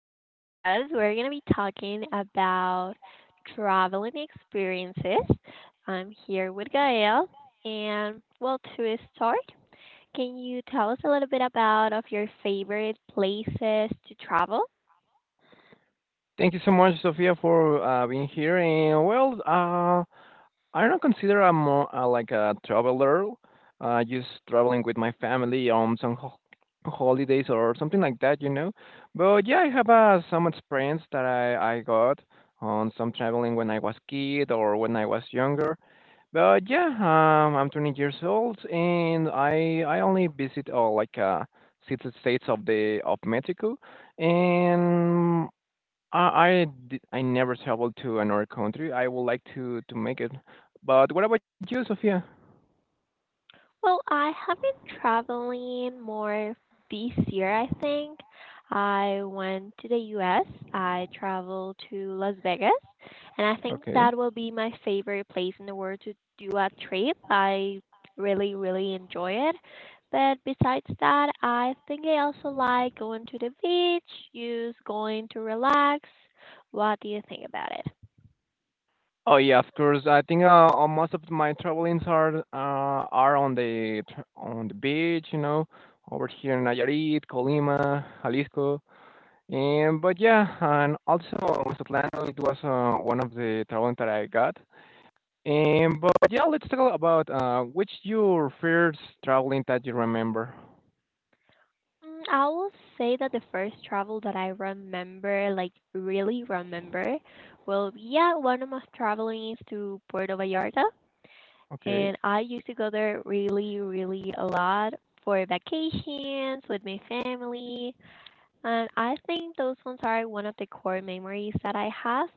today's podcast, we're going to be talking about traveling experiences. I'm here with Gael. And, well, to start, can you tell us a little bit about of your favorite places to travel? Thank you so much, Sophia, for being here. I don't consider I'm more like a traveler, just traveling with my family on some holidays or something like that, you know. But yeah, I have some experience that I got on some traveling when I was kid or when I was younger. But yeah, I'm 20 years old, and I only visit six states of the of Mexico and I never traveled to another country. I would like to make it. But what about you, Sophia? Well, I have been traveling more this year, I think. I went to the US. I traveled to Las Vegas, and I think Okay. that will be my favorite place in the world to do a trip. I really, really enjoy it. But besides that, I think I also like going to the beach, just going to relax. What do you think about it? Oh yeah, of course. I think most of my travelings are on the on the beach, you know, over here in Nayarit, Colima, Jalisco. And but yeah, and also Mazatlán. It was one of the traveling that I got. And but yeah, let's talk about which your first traveling that you remember. I will say that the first travel that I remember, like really remember, well, yeah, one of my traveling is to Puerto Vallarta, Okay. and I used to go there really, really a lot for vacations with my family, and I think those ones are one of the core memories that I have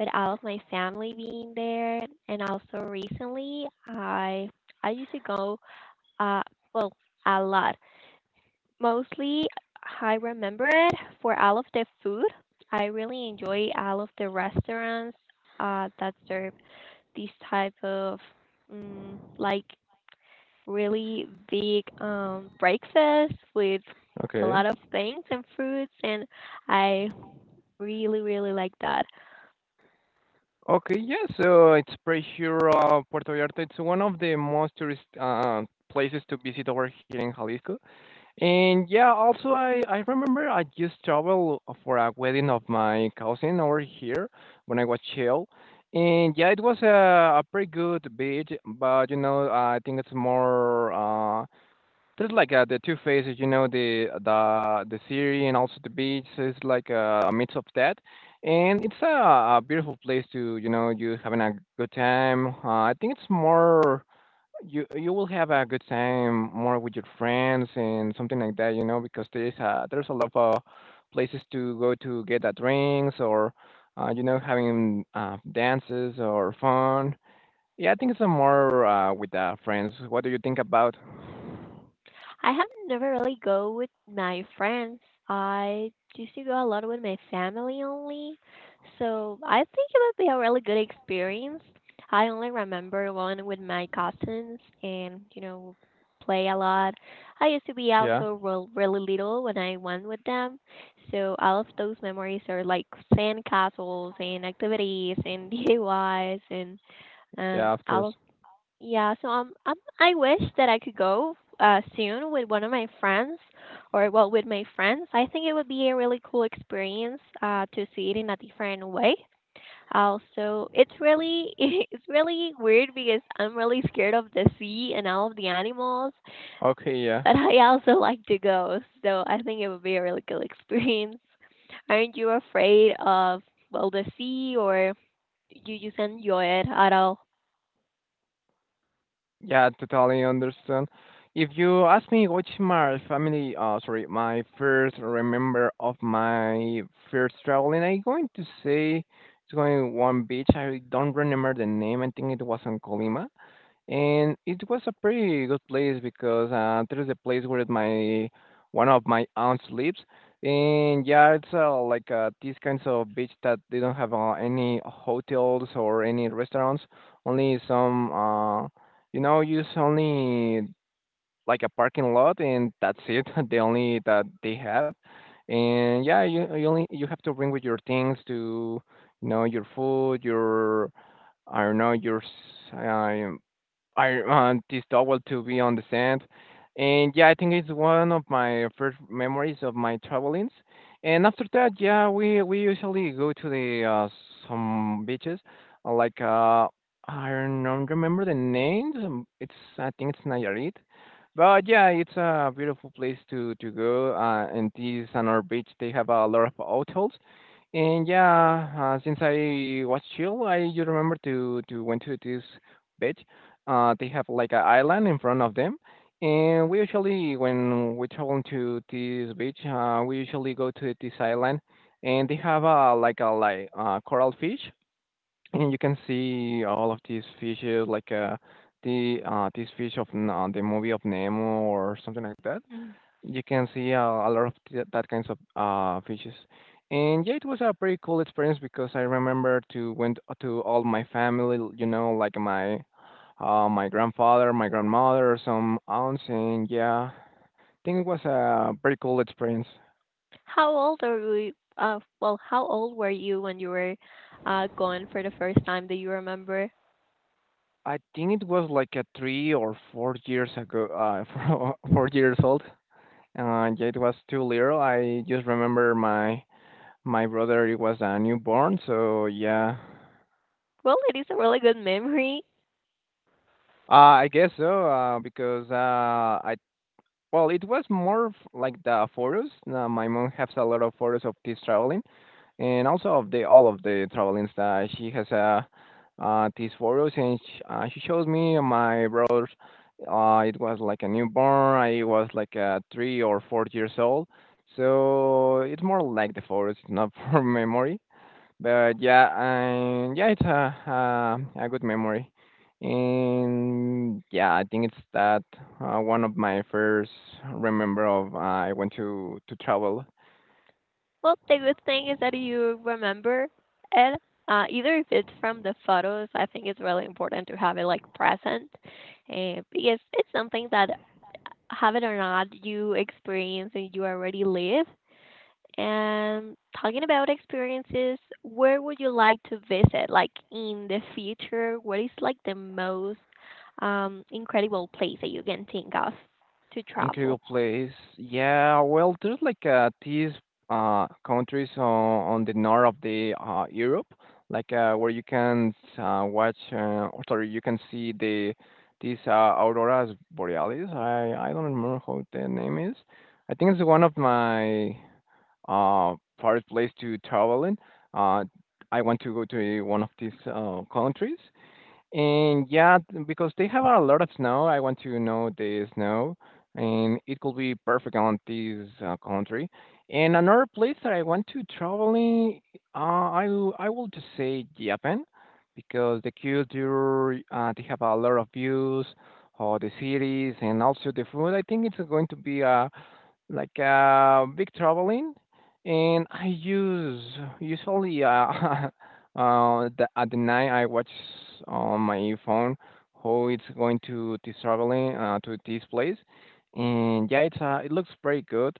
with all of my family being there, and also recently, I used to go, uh, well, a lot mostly I remember it for all of the food. I really enjoy all of the restaurants that serve this type of like really big breakfast with a Okay. lot of things and fruits, and I really really like that. Okay, yes, it's pretty sure Puerto Vallarta. It's one of the most tourist places to visit over here in Jalisco. And yeah, also I remember I just traveled for a wedding of my cousin over here when I was chill. And yeah, it was a pretty good beach, but you know, I think it's more there's like the two phases, you know, the city and also the beach. So it's like a mix of that, and it's a beautiful place to, you know, you having a good time. I think it's more you will have a good time more with your friends and something like that, you know, because there's a lot of places to go to get a drinks or, you know, having dances or fun. Yeah, I think it's a more with friends. What do you think about? I have never really go with my friends. I used to go a lot with my family only. So I think it would be a really good experience. I only remember one with my cousins and play a lot. I used to be Yeah. also really little when I went with them. So all of those memories are like sand castles and activities and DIYs and Yeah, of all of course. yeah, so I wish that I could go soon with one of my friends, or well, with my friends. I think it would be a really cool experience to see it in a different way. Also, it's really it's really weird because I'm really scared of the sea and all of the animals, Okay, yeah. but I also like to go, so I think it would be a really cool experience. Aren't you afraid of well the sea, or you just enjoy it at all? Yeah, totally understand. If you ask me which my family, sorry, my first remember of my first traveling, I'm going to say it's going one beach. I don't remember the name. I think it was in Colima. And it was a pretty good place because there is a place where my one of my aunts lives, and yeah, it's these kinds of beach that they don't have any hotels or any restaurants, only some you know, use only like a parking lot, and that's it, the only that they have, and yeah, you have to bring with your things to, you know, your food, your I don't know your I want this towel to be on the sand. And yeah, I think it's one of my first memories of my travelings. And after that, yeah, we usually go to the some beaches, like I don't remember the names. It's I think it's Nayarit, but yeah, it's a beautiful place to go. And this another beach. They have a lot of hotels and yeah, since I was chill, I just remember to went to this beach. They have like an island in front of them, and we usually when we travel to this beach, we usually go to this island, and they have a like coral fish, and you can see all of these fishes like the this fish of the movie of Nemo or something like that you can see a lot of that kinds of fishes. And yeah, it was a pretty cool experience because I remember to went to all my family, you know, like my grandfather, my grandmother, some aunts, and yeah, I think it was a pretty cool experience. How old are we? Well, how old were you when you were gone for the first time? Do you remember? I think it was like a 3 or 4 years ago, four years old. Yeah, it was too little. I just remember my brother, it was a newborn, so yeah, Well, it is a really good memory. I guess so, because I well, it was more of like the photos. My mom has a lot of photos of this traveling, and also of the all of the travelings that she has these photos, and she shows me and my brother's. It was like a newborn. I was like 3 or 4 years old, so it's more like the photos, it's not for memory. But yeah, and yeah, it's a good memory. And yeah, I think it's that one of my first remember of I went to travel Well, the good thing is that you remember it. Either if it's from the photos, I think it's really important to have it like present, because it's something that have it or not, you experience and you already live. And talking about experiences, where would you like to visit, like in the future? What is like the most incredible place that you can think of to travel? incredible place. Yeah, well, there's like these countries on the north of the Europe, like where you can watch or sorry, you can see these auroras borealis. I don't remember how the name is. I think it's one of my uh, favorite place to travel in. Uh, I want to go to one of these countries, and yeah, because they have a lot of snow, I want to know the snow, and it could be perfect on this country. And another place that I want to travel in, I will just say Japan, because the culture, they have a lot of views, or the cities, and also the food. I think it's going to be a like big traveling, and I use usually at the night I watch on my phone how it's going to this traveling to this place, and yeah, it's it looks pretty good.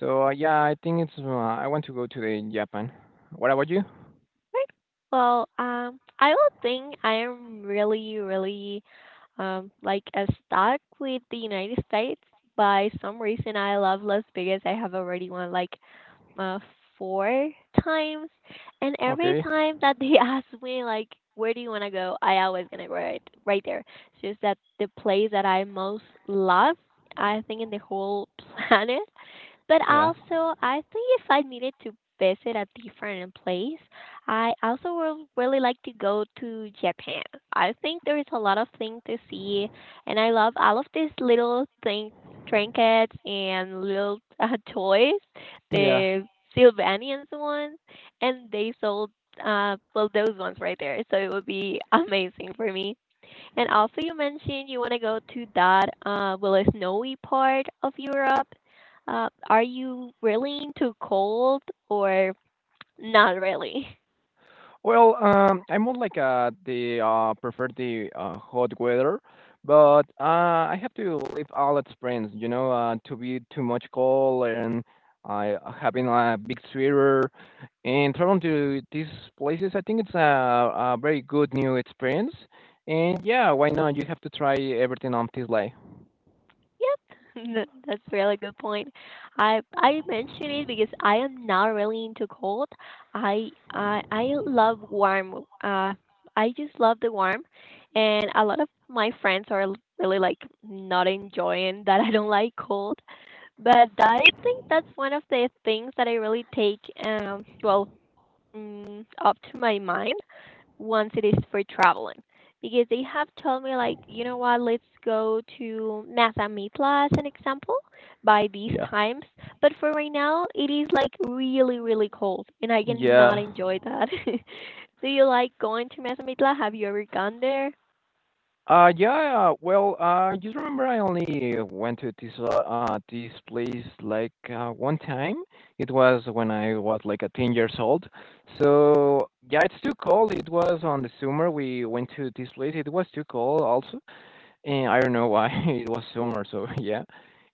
So yeah, I think it's I want to go to the Japan. What about you? Right. Well, I would think I am really, really like stuck with the United States. By some reason, I love Las Vegas. I have already went like uh, 4 times, and every Okay, time that they ask me like, "Where do you want to go?" I always gonna go right there. It's just that the place that I most love, I think, in the whole planet. But yeah, also, I think if I needed to visit a different place, I also would really like to go to Japan. I think there is a lot of things to see, and I love all of these little thing trinkets and little toys yeah. the Sylvanians ones, and they sold well those ones right there. So it would be amazing for me. And also you mentioned you want to go to that well a snowy part of Europe. Are you really into cold or not really? Well, I'm more like the prefer the hot weather, but I have to leave all at springs, you know, to be too much cold and having a big sweater and traveling to these places. I think it's a very good new experience, and yeah, why not? You have to try everything on this way. Yep, that's a really good point. I mention it because I am not really into cold. I love warm. Uh, I just love the warm, and a lot of my friends are really like not enjoying that I don't like cold. But I think that's one of the things that I really take, well, up to my mind once it is for traveling, because they have told me like, you know what, let's go to Mazamitla as an example by these Yeah, times. But for right now it is like really really cold and I cannot yeah. enjoy that. Do you like going to Mazamitla? Have you ever gone there? Yeah, well, just remember I only went to this, this place like 1 time. It was when I was like a 10 years old. So, yeah, it's too cold. It was on the summer. We went to this place. It was too cold also. And I don't know why it was summer, so yeah.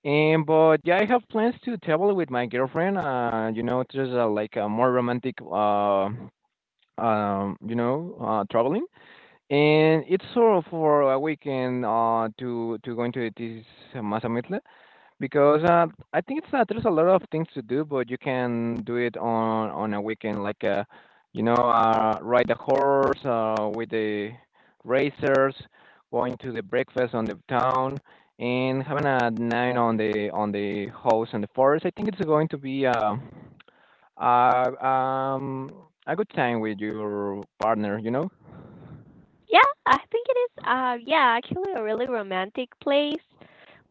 And but yeah, I have plans to travel with my girlfriend. You know, just like a more romantic, you know, traveling. And it's sort of for a weekend to going to this Mazamitla because I think it's not there's a lot of things to do, but you can do it on a weekend, like you know, ride a horse with the racers, going to the breakfast on the town, and having a night on the house and the forest. I think it's going to be uh, um, a good time with your partner, you know? Yeah, I think it is. Yeah, actually, a really romantic place.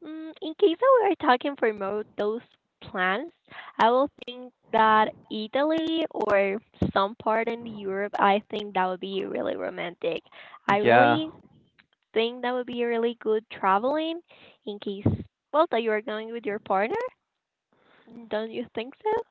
In case that we are talking for more those plans, I will think that Italy or some part in Europe. I think that would be really romantic. I Yeah. really think that would be really good traveling. In case, well, that you are going with your partner, don't you think so?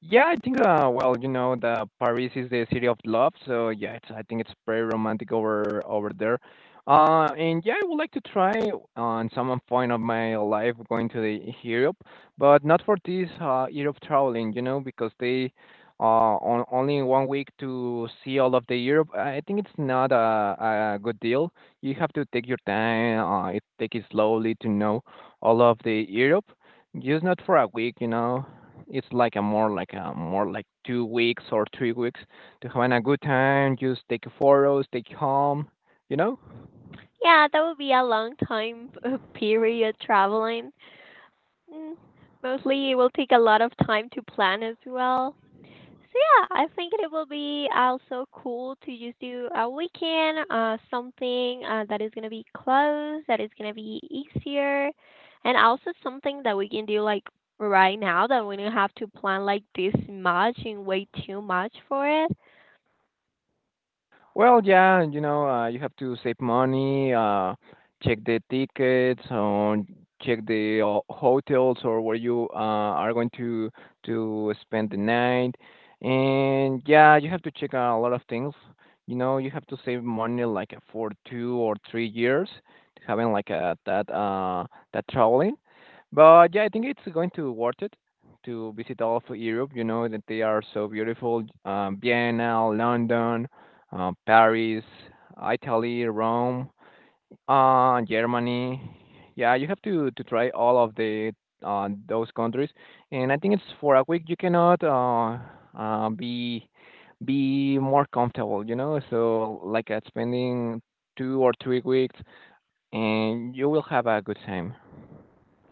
Yeah, I think well, you know, the Paris is the city of love, so yeah, I think it's very romantic over there. And yeah, I would like to try on some point of my life going to the Europe, but not for this Europe traveling, you know, because they uh on only 1 week to see all of the Europe. I think it's not a good deal. You have to take your time, it take it slowly to know all of the Europe just not for a week, you know it's like a more like a more like 2 weeks or 3 weeks to having a good time. Just take photos, take home, you know. Yeah, that would be a long time period traveling. Mm, mostly it will take a lot of time to plan as well. So yeah, I think it will be also cool to just do a weekend, something that is gonna be close, that is gonna be easier, and also something that we can do like right now that we don't have to plan like this much and wait too much for it. Well, yeah, you know, you have to save money, check the tickets, or check the hotels or where you are going to spend the night, and yeah, you have to check a lot of things. You know, you have to save money like for 2 or 3 years, having like a, that that traveling. But yeah, I think it's going to worth it to visit all of Europe. You know that they are so beautiful. Vienna, London, Paris, Italy, Rome, Germany. Yeah, you have to try all of the those countries. And I think it's for a week. You cannot be more comfortable. You know, so like at spending 2 or 3 weeks, and you will have a good time.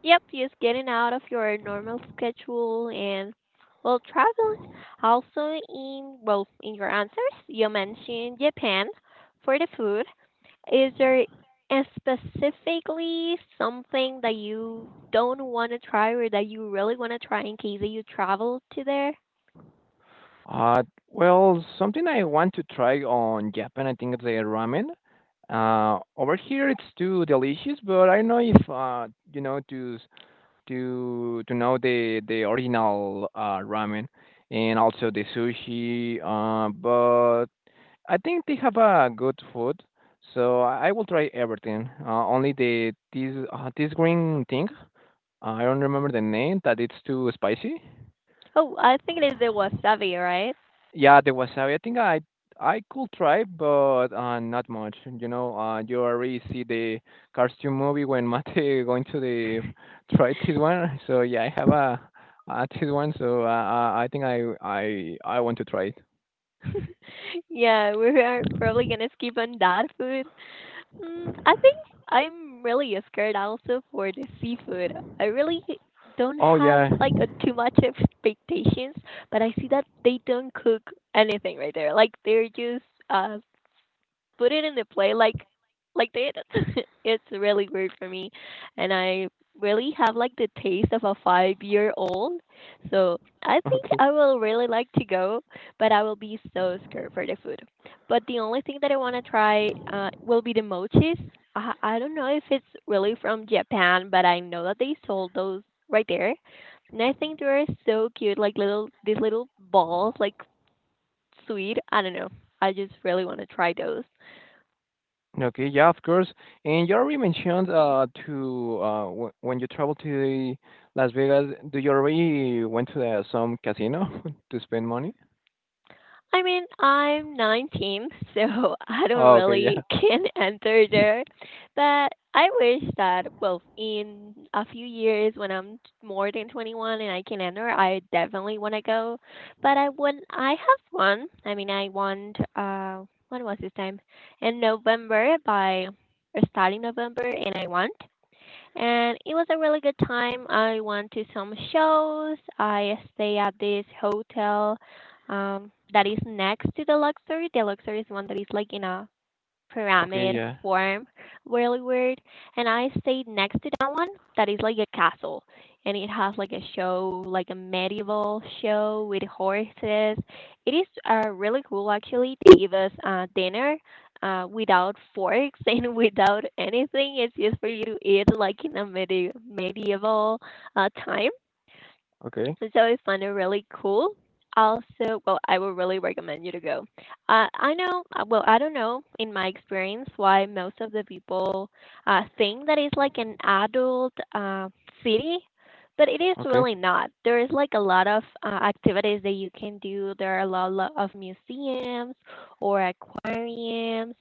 Yep, just getting out of your normal schedule and well traveling. Also in well in your answers you mentioned Japan for the food. Is there a specifically something that you don't want to try or that you really want to try in case that you travel to there? Uh, well, something I want to try on Japan, I think it's the ramen. Over here it's too delicious, but I don't know if you know to s- to know the original ramen and also the sushi. But I think they have a good food, so I will try everything. Only the this this green thing, I don't remember the name, that it's too spicy. Oh, I think it is the wasabi, right? Yeah, the wasabi. I think I could try, but not much. You already see the cartoon movie when Mate going to the try this one. So yeah, I have a this one. So I think I want to try it. yeah, we are probably gonna skip on that food. I think I'm really scared also for the seafood. I really don't Oh have yeah. like too much expectations, but I see that they don't cook anything right there. Like they're just uh put it in the play like that. it's really weird for me, and I really have like the taste of a 5-year old. So I think Okay. I will really like to go, but I will be so scared for the food. But the only thing that I want to try will be the mochis. I don't know if it's really from Japan, but I know that they sold those right there. And I think they are so cute, like little these little balls, like sweet. I don't know. I just really want to try those. Okay, yeah, of course. And you already mentioned to w when you travel to the Las Vegas, do you already went to some casino to spend money? I mean, I'm 19, so I don't Oh, okay, yeah. really can enter there. But I wish that, well, in a few years when I'm more than 21 and I can enter, I definitely want to go. But I have one. I mean, when was this time? In November by, or starting November, and I want and it was a really good time. I went to some shows. I stay at this hotel that is next to the luxury. The luxury is one that is like in a Okay, pyramid yeah. form, really weird, and I stayed next to that one that is like a castle, and it has like a show, like a medieval show with horses. It is really cool, actually they give us dinner without forks and without anything, it's just for you to eat like in a medieval time, Okay. so I find it really cool. Also, well, I would really recommend you to go. I know, well, I don't know in my experience why most of the people think that it's like an adult city, but it is Okay. really not. There is like a lot of activities that you can do. There are a lot of museums or aquariums,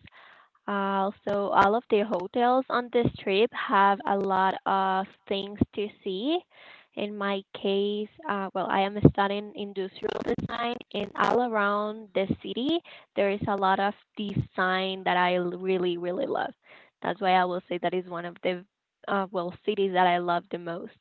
so all of the hotels on this trip have a lot of things to see. In my case, well, I am studying industrial design, and all around the city, there is a lot of design that I really, really love. That's why I will say that is one of the, well, cities that I love the most.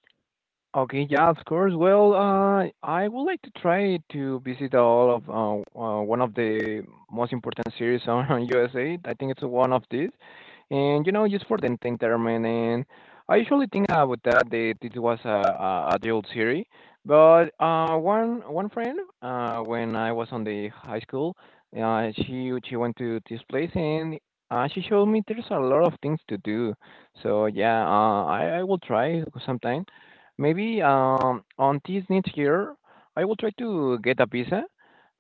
Okay. Yeah, of course. Well, I would like to try to visit all of one of the most important series on USA. I think it's one of these, and just for the entertainment. And I usually think about that it was a adult series, but one friend when I was on the high school, she went to this place and she showed me there's a lot of things to do. So yeah, I will try sometime. Maybe on this next year, I will try to get a visa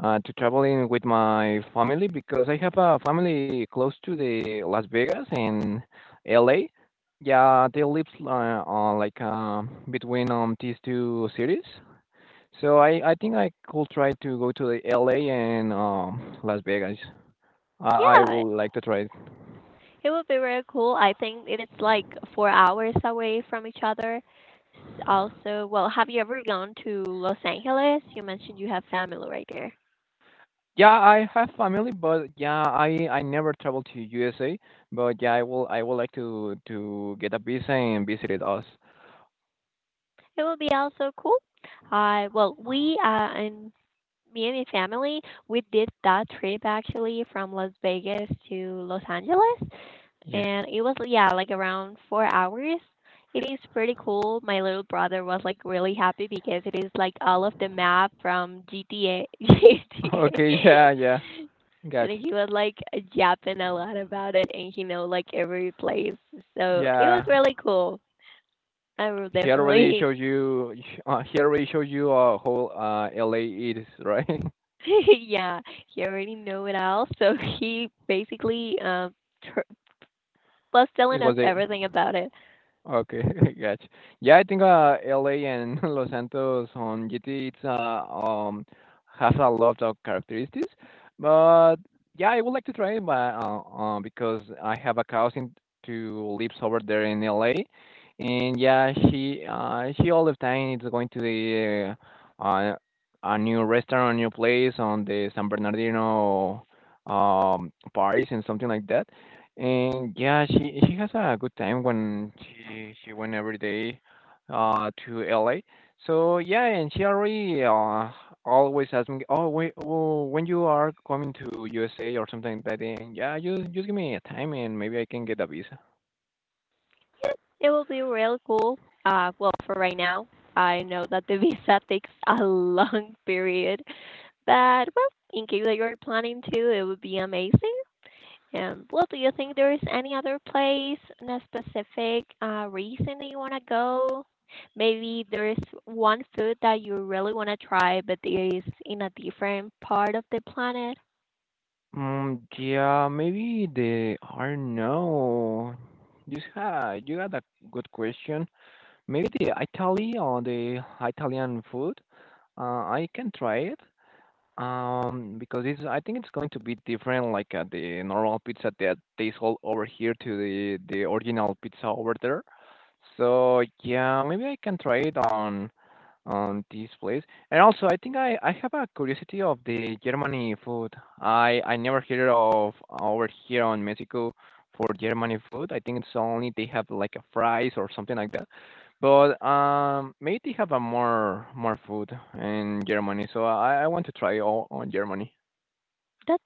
to traveling with my family because I have a family close to the Las Vegas and LA. Yeah, they live like between these two cities. So I think I could try to go to the LA and Las Vegas. I Yeah, would like to try. it would be very cool. I think it is like 4 hours away from each other. Also, well, have you ever gone to Los Angeles? You mentioned you have family right there. Yeah, I have family, but yeah, I never traveled to USA, but yeah, I would like to get a visa and visit us. It would be also cool. Well, we and me and my family, we did that trip actually from Las Vegas to Los Angeles. Yeah. And it was, yeah, like around 4 hours. It is pretty cool. My little brother was like really happy because it is like all of the map from gta gta Okay. Yeah. Yeah. and Gotcha. he was like yapping a lot about it, and he know like every place, so it was Yeah. really cool. I will He already definitely showed you. He already showed you how LA is, right? yeah, he already know it all, so he basically tr- was It telling was us it. everything about it. Okay, gotcha. Yeah, I think LA and Los Santos on GT it's has a lot of characteristics, but yeah, I would like to try it, but because I have a cousin to lives over there in LA, and yeah, she all the time is going to the uh, uh a new restaurant, a new place on the San Bernardino Paris and something like that. And yeah, she has a good time when she went every day to LA. So yeah, and she already always asks me, oh wait, oh, when you are coming to USA or something like that, and yeah, just give me a time and maybe I can get a visa. Yeah, it will be real cool. For right now, I know that the visa takes a long period, but well, in case that you're planning to, it would be amazing. And well, do you think there is any other place, and a specific reason that you want to go? Maybe there is one food that you really want to try, but it is in a different part of the planet. Mm, yeah, maybe the are no. You had a good question. Maybe the Italy or the Italian food. Uh, I can try it. Because it's I think it's going to be different like the normal pizza that they sold over here to the original pizza over there. So yeah, maybe I can try it on this place. And also, I think I have a curiosity of the Germany food. I never heard of over here on Mexico for Germany food. I think it's only they have like a fries or something like that. But maybe they have a more food in Germany. So I want to try all on Germany.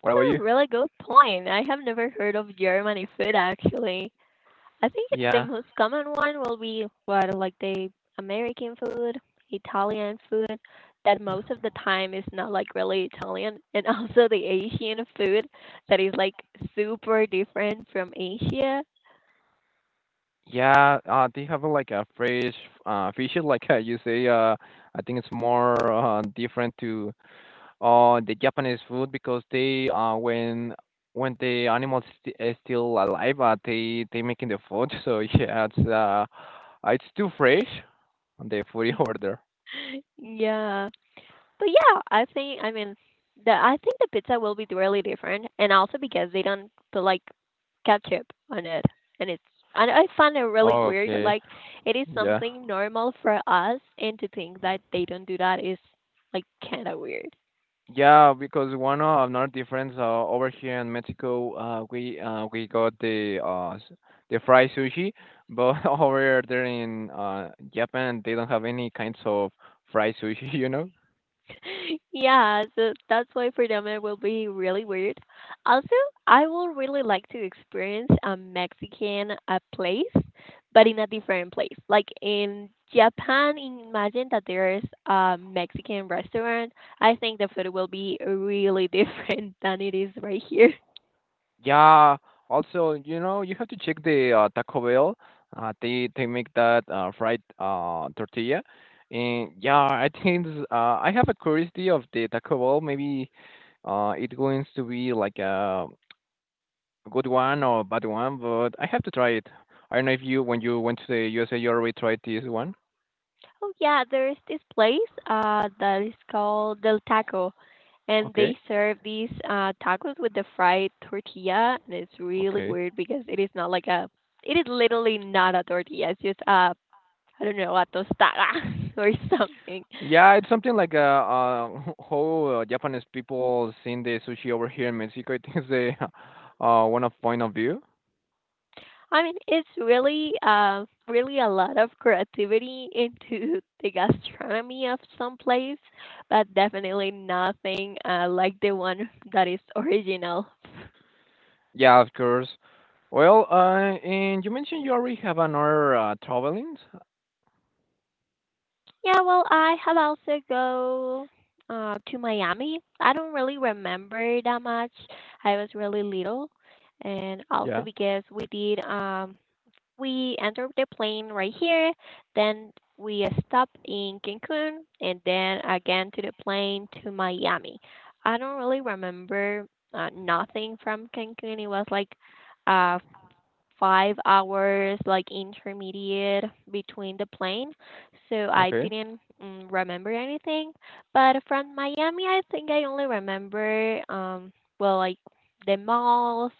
What about you? a really good point. I have never heard of Germany food actually. I think the Yeah. most common one will be what, like the American food, Italian food, that most of the time is not like really Italian, and also the Asian food that is like super different from Asia. Yeah, they have like a fresh fish, like you say. I think it's more different to the Japanese food because they when the animals is still alive, they making the food. So yeah, it's too fresh on the food you order. Yeah. But yeah, I think the pizza will be really different, and also because they don't put like ketchup on it, and it's and I find it really weird. Okay, Like it is yeah. something normal for us, and to think that they don't do that is like kind of weird. Yeah, because one of another difference over here in Mexico, we got the fried sushi, but over there in Japan they don't have any kinds of fried sushi, you know. Yeah, so that's why for them it will be really weird. Also, I will really like to experience a Mexican place, but in a different place. Like in Japan, imagine that there's a Mexican restaurant. I think the food will be really different than it is right here. Yeah, also, you have to check the Taco Bell. They make that fried tortilla, and yeah, I think I have a curiosity of the Taco Bell. Maybe it going to be like a good one or bad one, but I have to try it. I don't know if you when you went to the USA, you already tried this one. Oh yeah, there's this place that is called Del Taco, and Okay, they serve these tacos with the fried tortilla, and it's really okay. weird because it is literally not a tortilla. It's just I don't know, a tostada or something. Yeah, it's something like how Japanese people seeing the sushi over here in Mexico. I think it's the one of point of view. I mean, it's really a lot of creativity into the gastronomy of some place, but definitely nothing like the one that is original. Yeah, of course. Well, and you mentioned you already have another traveling. Yeah, well, I have also go to Miami. I don't really remember that much. I was really little, and also Yeah. because we did we entered the plane right here, then we stopped in Cancun, and then again to the plane to Miami. I don't really remember nothing from Cancun. It was like uh 5 hours like intermediate between the plane, so I Okay. didn't remember anything. But from Miami, I think I only remember well, like the malls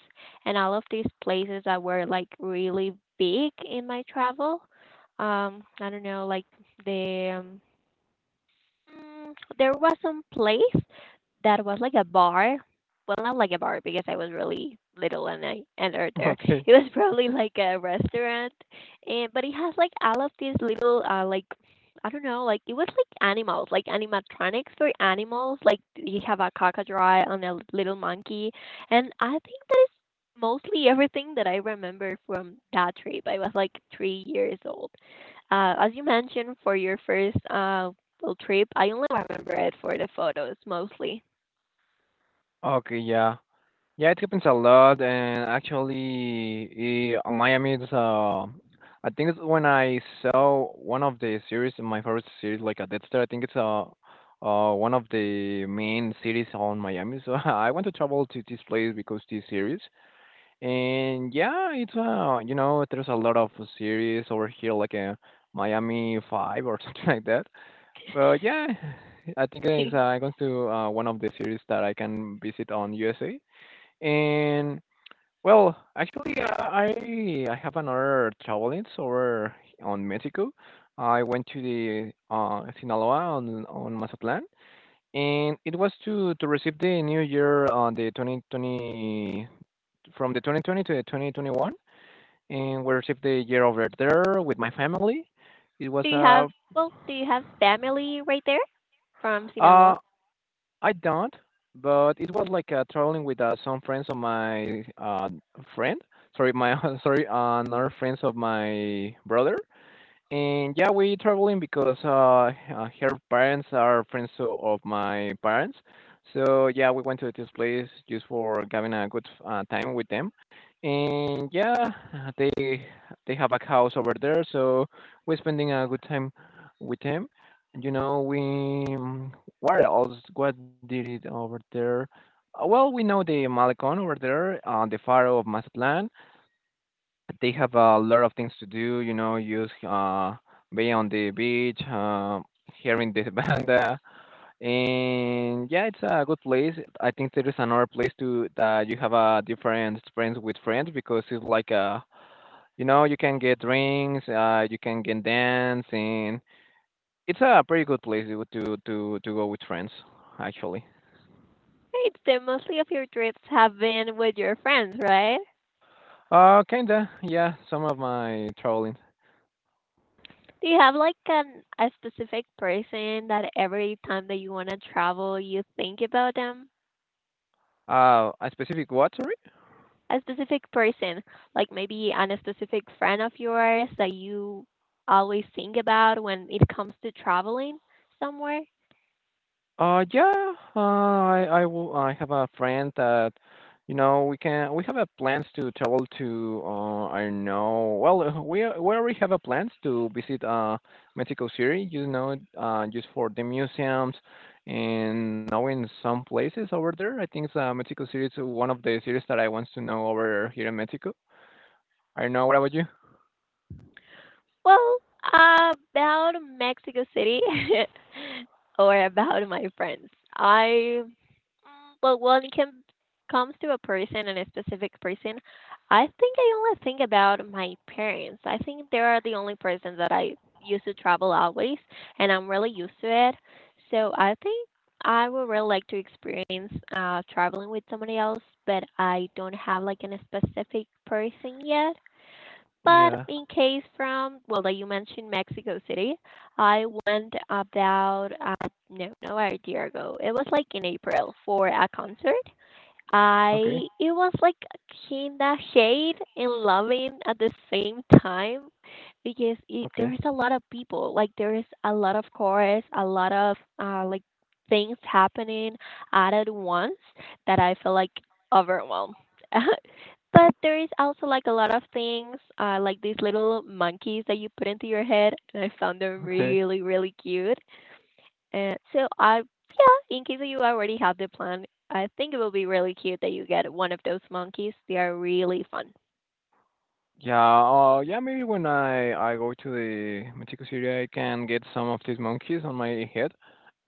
and all of these places that were like really big in my travel. I don't know, like the um, there was some place that was like a bar. Well, not like a bar because I was really little and I entered there. Okay. It was probably like a restaurant, and but it has like all of these little like I don't know, like it was like animals, like animatronics for animals. Like you have a crocodile and a little monkey, and I think that is mostly everything that I remember from that trip. I was like 3 years old as you mentioned for your first trip. I only remember it for the photos mostly. Okay. Yeah. Yeah, it happens a lot, and actually, Miami is. I think it's when I saw one of the series, my favorite series, like a Dexter. I think it's one of the main cities on Miami. So I want to travel to this place because this series. And yeah, it's there's a lot of series over here, like a Miami Five or something like that. But yeah, I think Do it's going to one of the series that I can visit on USA. And well, actually, I have another traveling over on Mexico. I went to the Sinaloa on Mazatlan, and it was to receive the new year on the 2020 from the 2020 to the 2021, and we received the year over there with my family. It was you have, well, do you have family right there from uh Sinaloa? I don't, but it was like traveling with some friends of my friend, sorry my sorry another friends of my brother. And yeah, we traveling because her parents are friends of my parents. So yeah, we went to this place just for having a good time with them. And yeah, they they have a house over there, so we're spending a good time with them. And we um, what else? What did it over there? Well, we know the Malecon over there, the Pharaoh of Mazatlan, they have a lot of things to do, use being on the beach, hearing the banda, and yeah, it's a good place. I think there is another place to that you have a different experience with friends because it's like a you can get drinks, you can get dance, and it's a pretty good place to go with friends actually. Right, so mostly of your trips have been with your friends, right? Kinda, yeah, some of my traveling. Do you have like an, a specific person that every time that you want to travel, you think about them? A specific what, sorry? A specific person, like maybe an, a specific friend of yours that you always think about when it comes to traveling somewhere? Yeah, I will. I have a friend that, we have a plans to travel to. I don't know. Well, we already have a plans to visit Mexico City. Just for the museums and knowing some places over there. I think Mexico City is one of the cities that I want to know over here in Mexico. I don't know. What about you? Well, about Mexico City or about my friends. I well, when comes to a person and a specific person, I think I only think about my parents. I think they are the only person that I used to travel always, and I'm really used to it. So I think I would really like to experience traveling with somebody else, but I don't have like a specific person yet. But Yeah. in case from, well, that you mentioned Mexico City, I went about, no, no, a year ago. It was like in April for a concert. Okay. I It was like kinda shade and loving at the same time because Okay. there's a lot of people, like there's a lot of chorus, a lot of like things happening at once that I feel like overwhelmed, but there is also like a lot of things like these little monkeys that you put into your head, and I found them Okay. really, really cute. And so yeah, in case you already have the plan, I think it will be really cute that you get one of those monkeys. They are really fun. Yeah, yeah, maybe when I go to the Mexico City, I can get some of these monkeys on my head.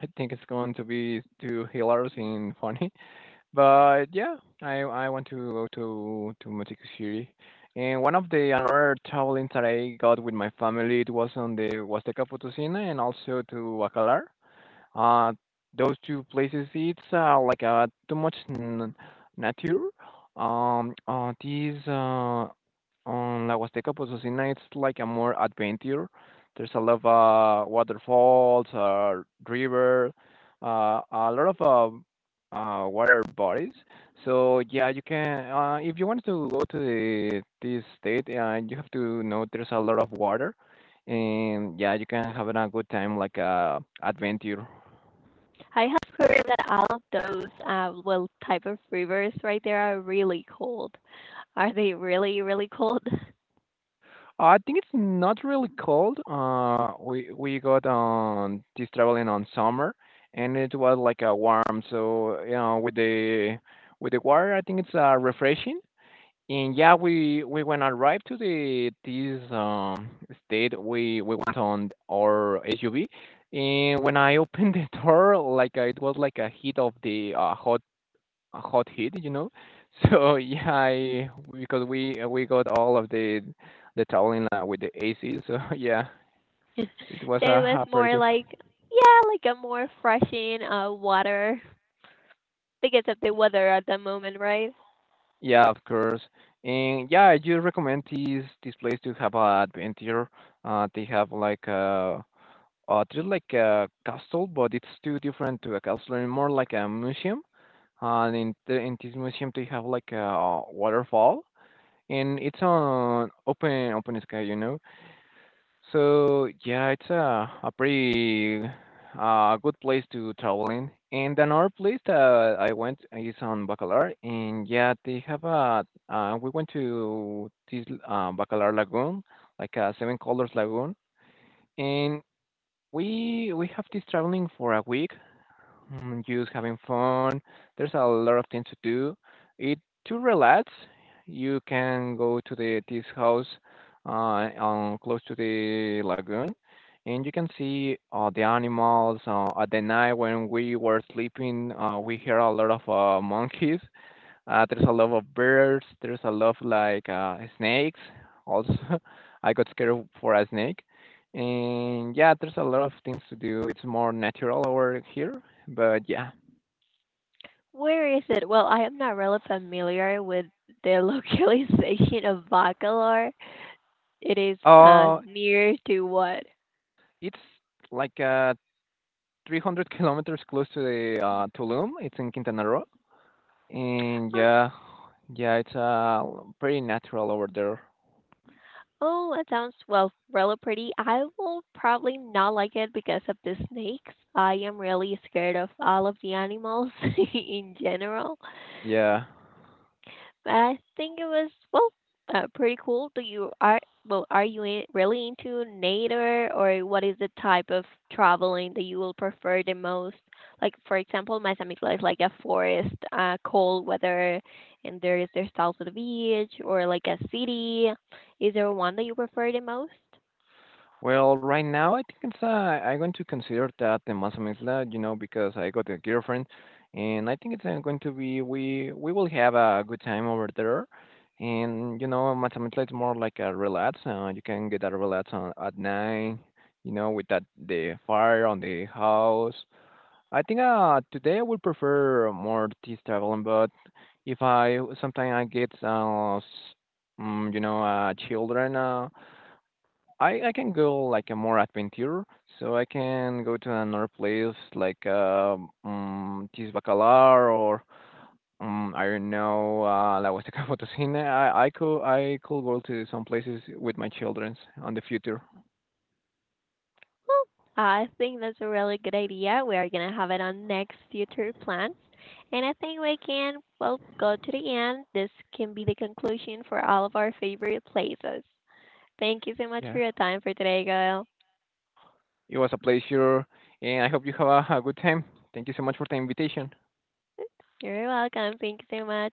I think it's going to be too hilarious and funny. But yeah, I want to go to Mexico City. And one of the another travelings that I got with my family, it was on the Huasteca Potosina and also to Bacalar. Uh, those two places, it's like too much nature. These On La Huasteca Potosina, it's like a more adventure. There's a lot of waterfalls, river, a lot of water bodies. So yeah, you can if you want to go to this state, you have to know there's a lot of water, and yeah, you can have a good time like adventure. I have heard that all of those little type of rivers right there are really cold. Are they really, really cold? I think it's not really cold. We got on this traveling on summer, and it was like a warm. So with the water, I think it's refreshing. And yeah, we when arrived to the this state, we went on our SUV, and when I opened the door, like it was like a heat of the hot hit. So yeah, because we got all of the traveling with the AC, so yeah, So it was a, it was a more pretty, like, yeah, like a more freshing water because of the weather at the moment, right? yeah, of course. And yeah, I do recommend these this place to have a adventure. They have like a just like a castle, but it's too different to a castle, and more like a museum. And in this museum, they have like a waterfall, and it's on open sky. So yeah, it's a pretty good place to travel in. And another place that I went is on Bacalar, and yeah, they have a. We went to this Bacalar Lagoon, like a Seven Colors Lagoon, and we have this traveling for a week, just having fun. There's a lot of things to do. It To relax, you can go to the this house uh, on close to the lagoon, and you can see the animals. At the night when we were sleeping, we hear a lot of monkeys, there's a lot of birds. There's a lot of like snakes. Also, I got scared for a snake. And yeah, there's a lot of things to do. It's more natural over here, but yeah. Where is it? Well, I am not really familiar with the localization of Bacalar. It is Uh, near to what? it's like 300 kilometers close to the Tulum. It's in Quintana Roo, and Uh, yeah, yeah, it's pretty natural over there. oh, that sounds well, really pretty. I will probably not like it because of the snakes. I am really scared of all of the animals in general. Yeah. I think it was well, pretty cool. Do you are well? Are you in, really into nature, or what is the type of traveling that you will prefer the most? Like for example, my Mazamitla is like a forest, cold weather, and there's also the beach, or like a city. Is there one that you prefer the most? Well, right now, I think it's I'm going to consider that the Mazamitla, because I got a girlfriend, and I think it's going to be we will have a good time over there. And Mazamitla is more like a relax. You can get a relax at night, with that the fire on the house. I think today I would prefer more this traveling, but if I sometimes I get children. I can go like a more adventure, so I can go to another place like Bacalar or I don't know La Huasteca Potosina. I could go to some places with my children on the future. Well, I think that's a really good idea. We are gonna have it on next future plans. And I think we can, well, go to the end. This can be the conclusion for all of our favorite places. Thank you so much for Yeah, your time for today, Gail. it was a pleasure, and I hope you have a good time. Thank you so much for the invitation. You're welcome. Thank you so much.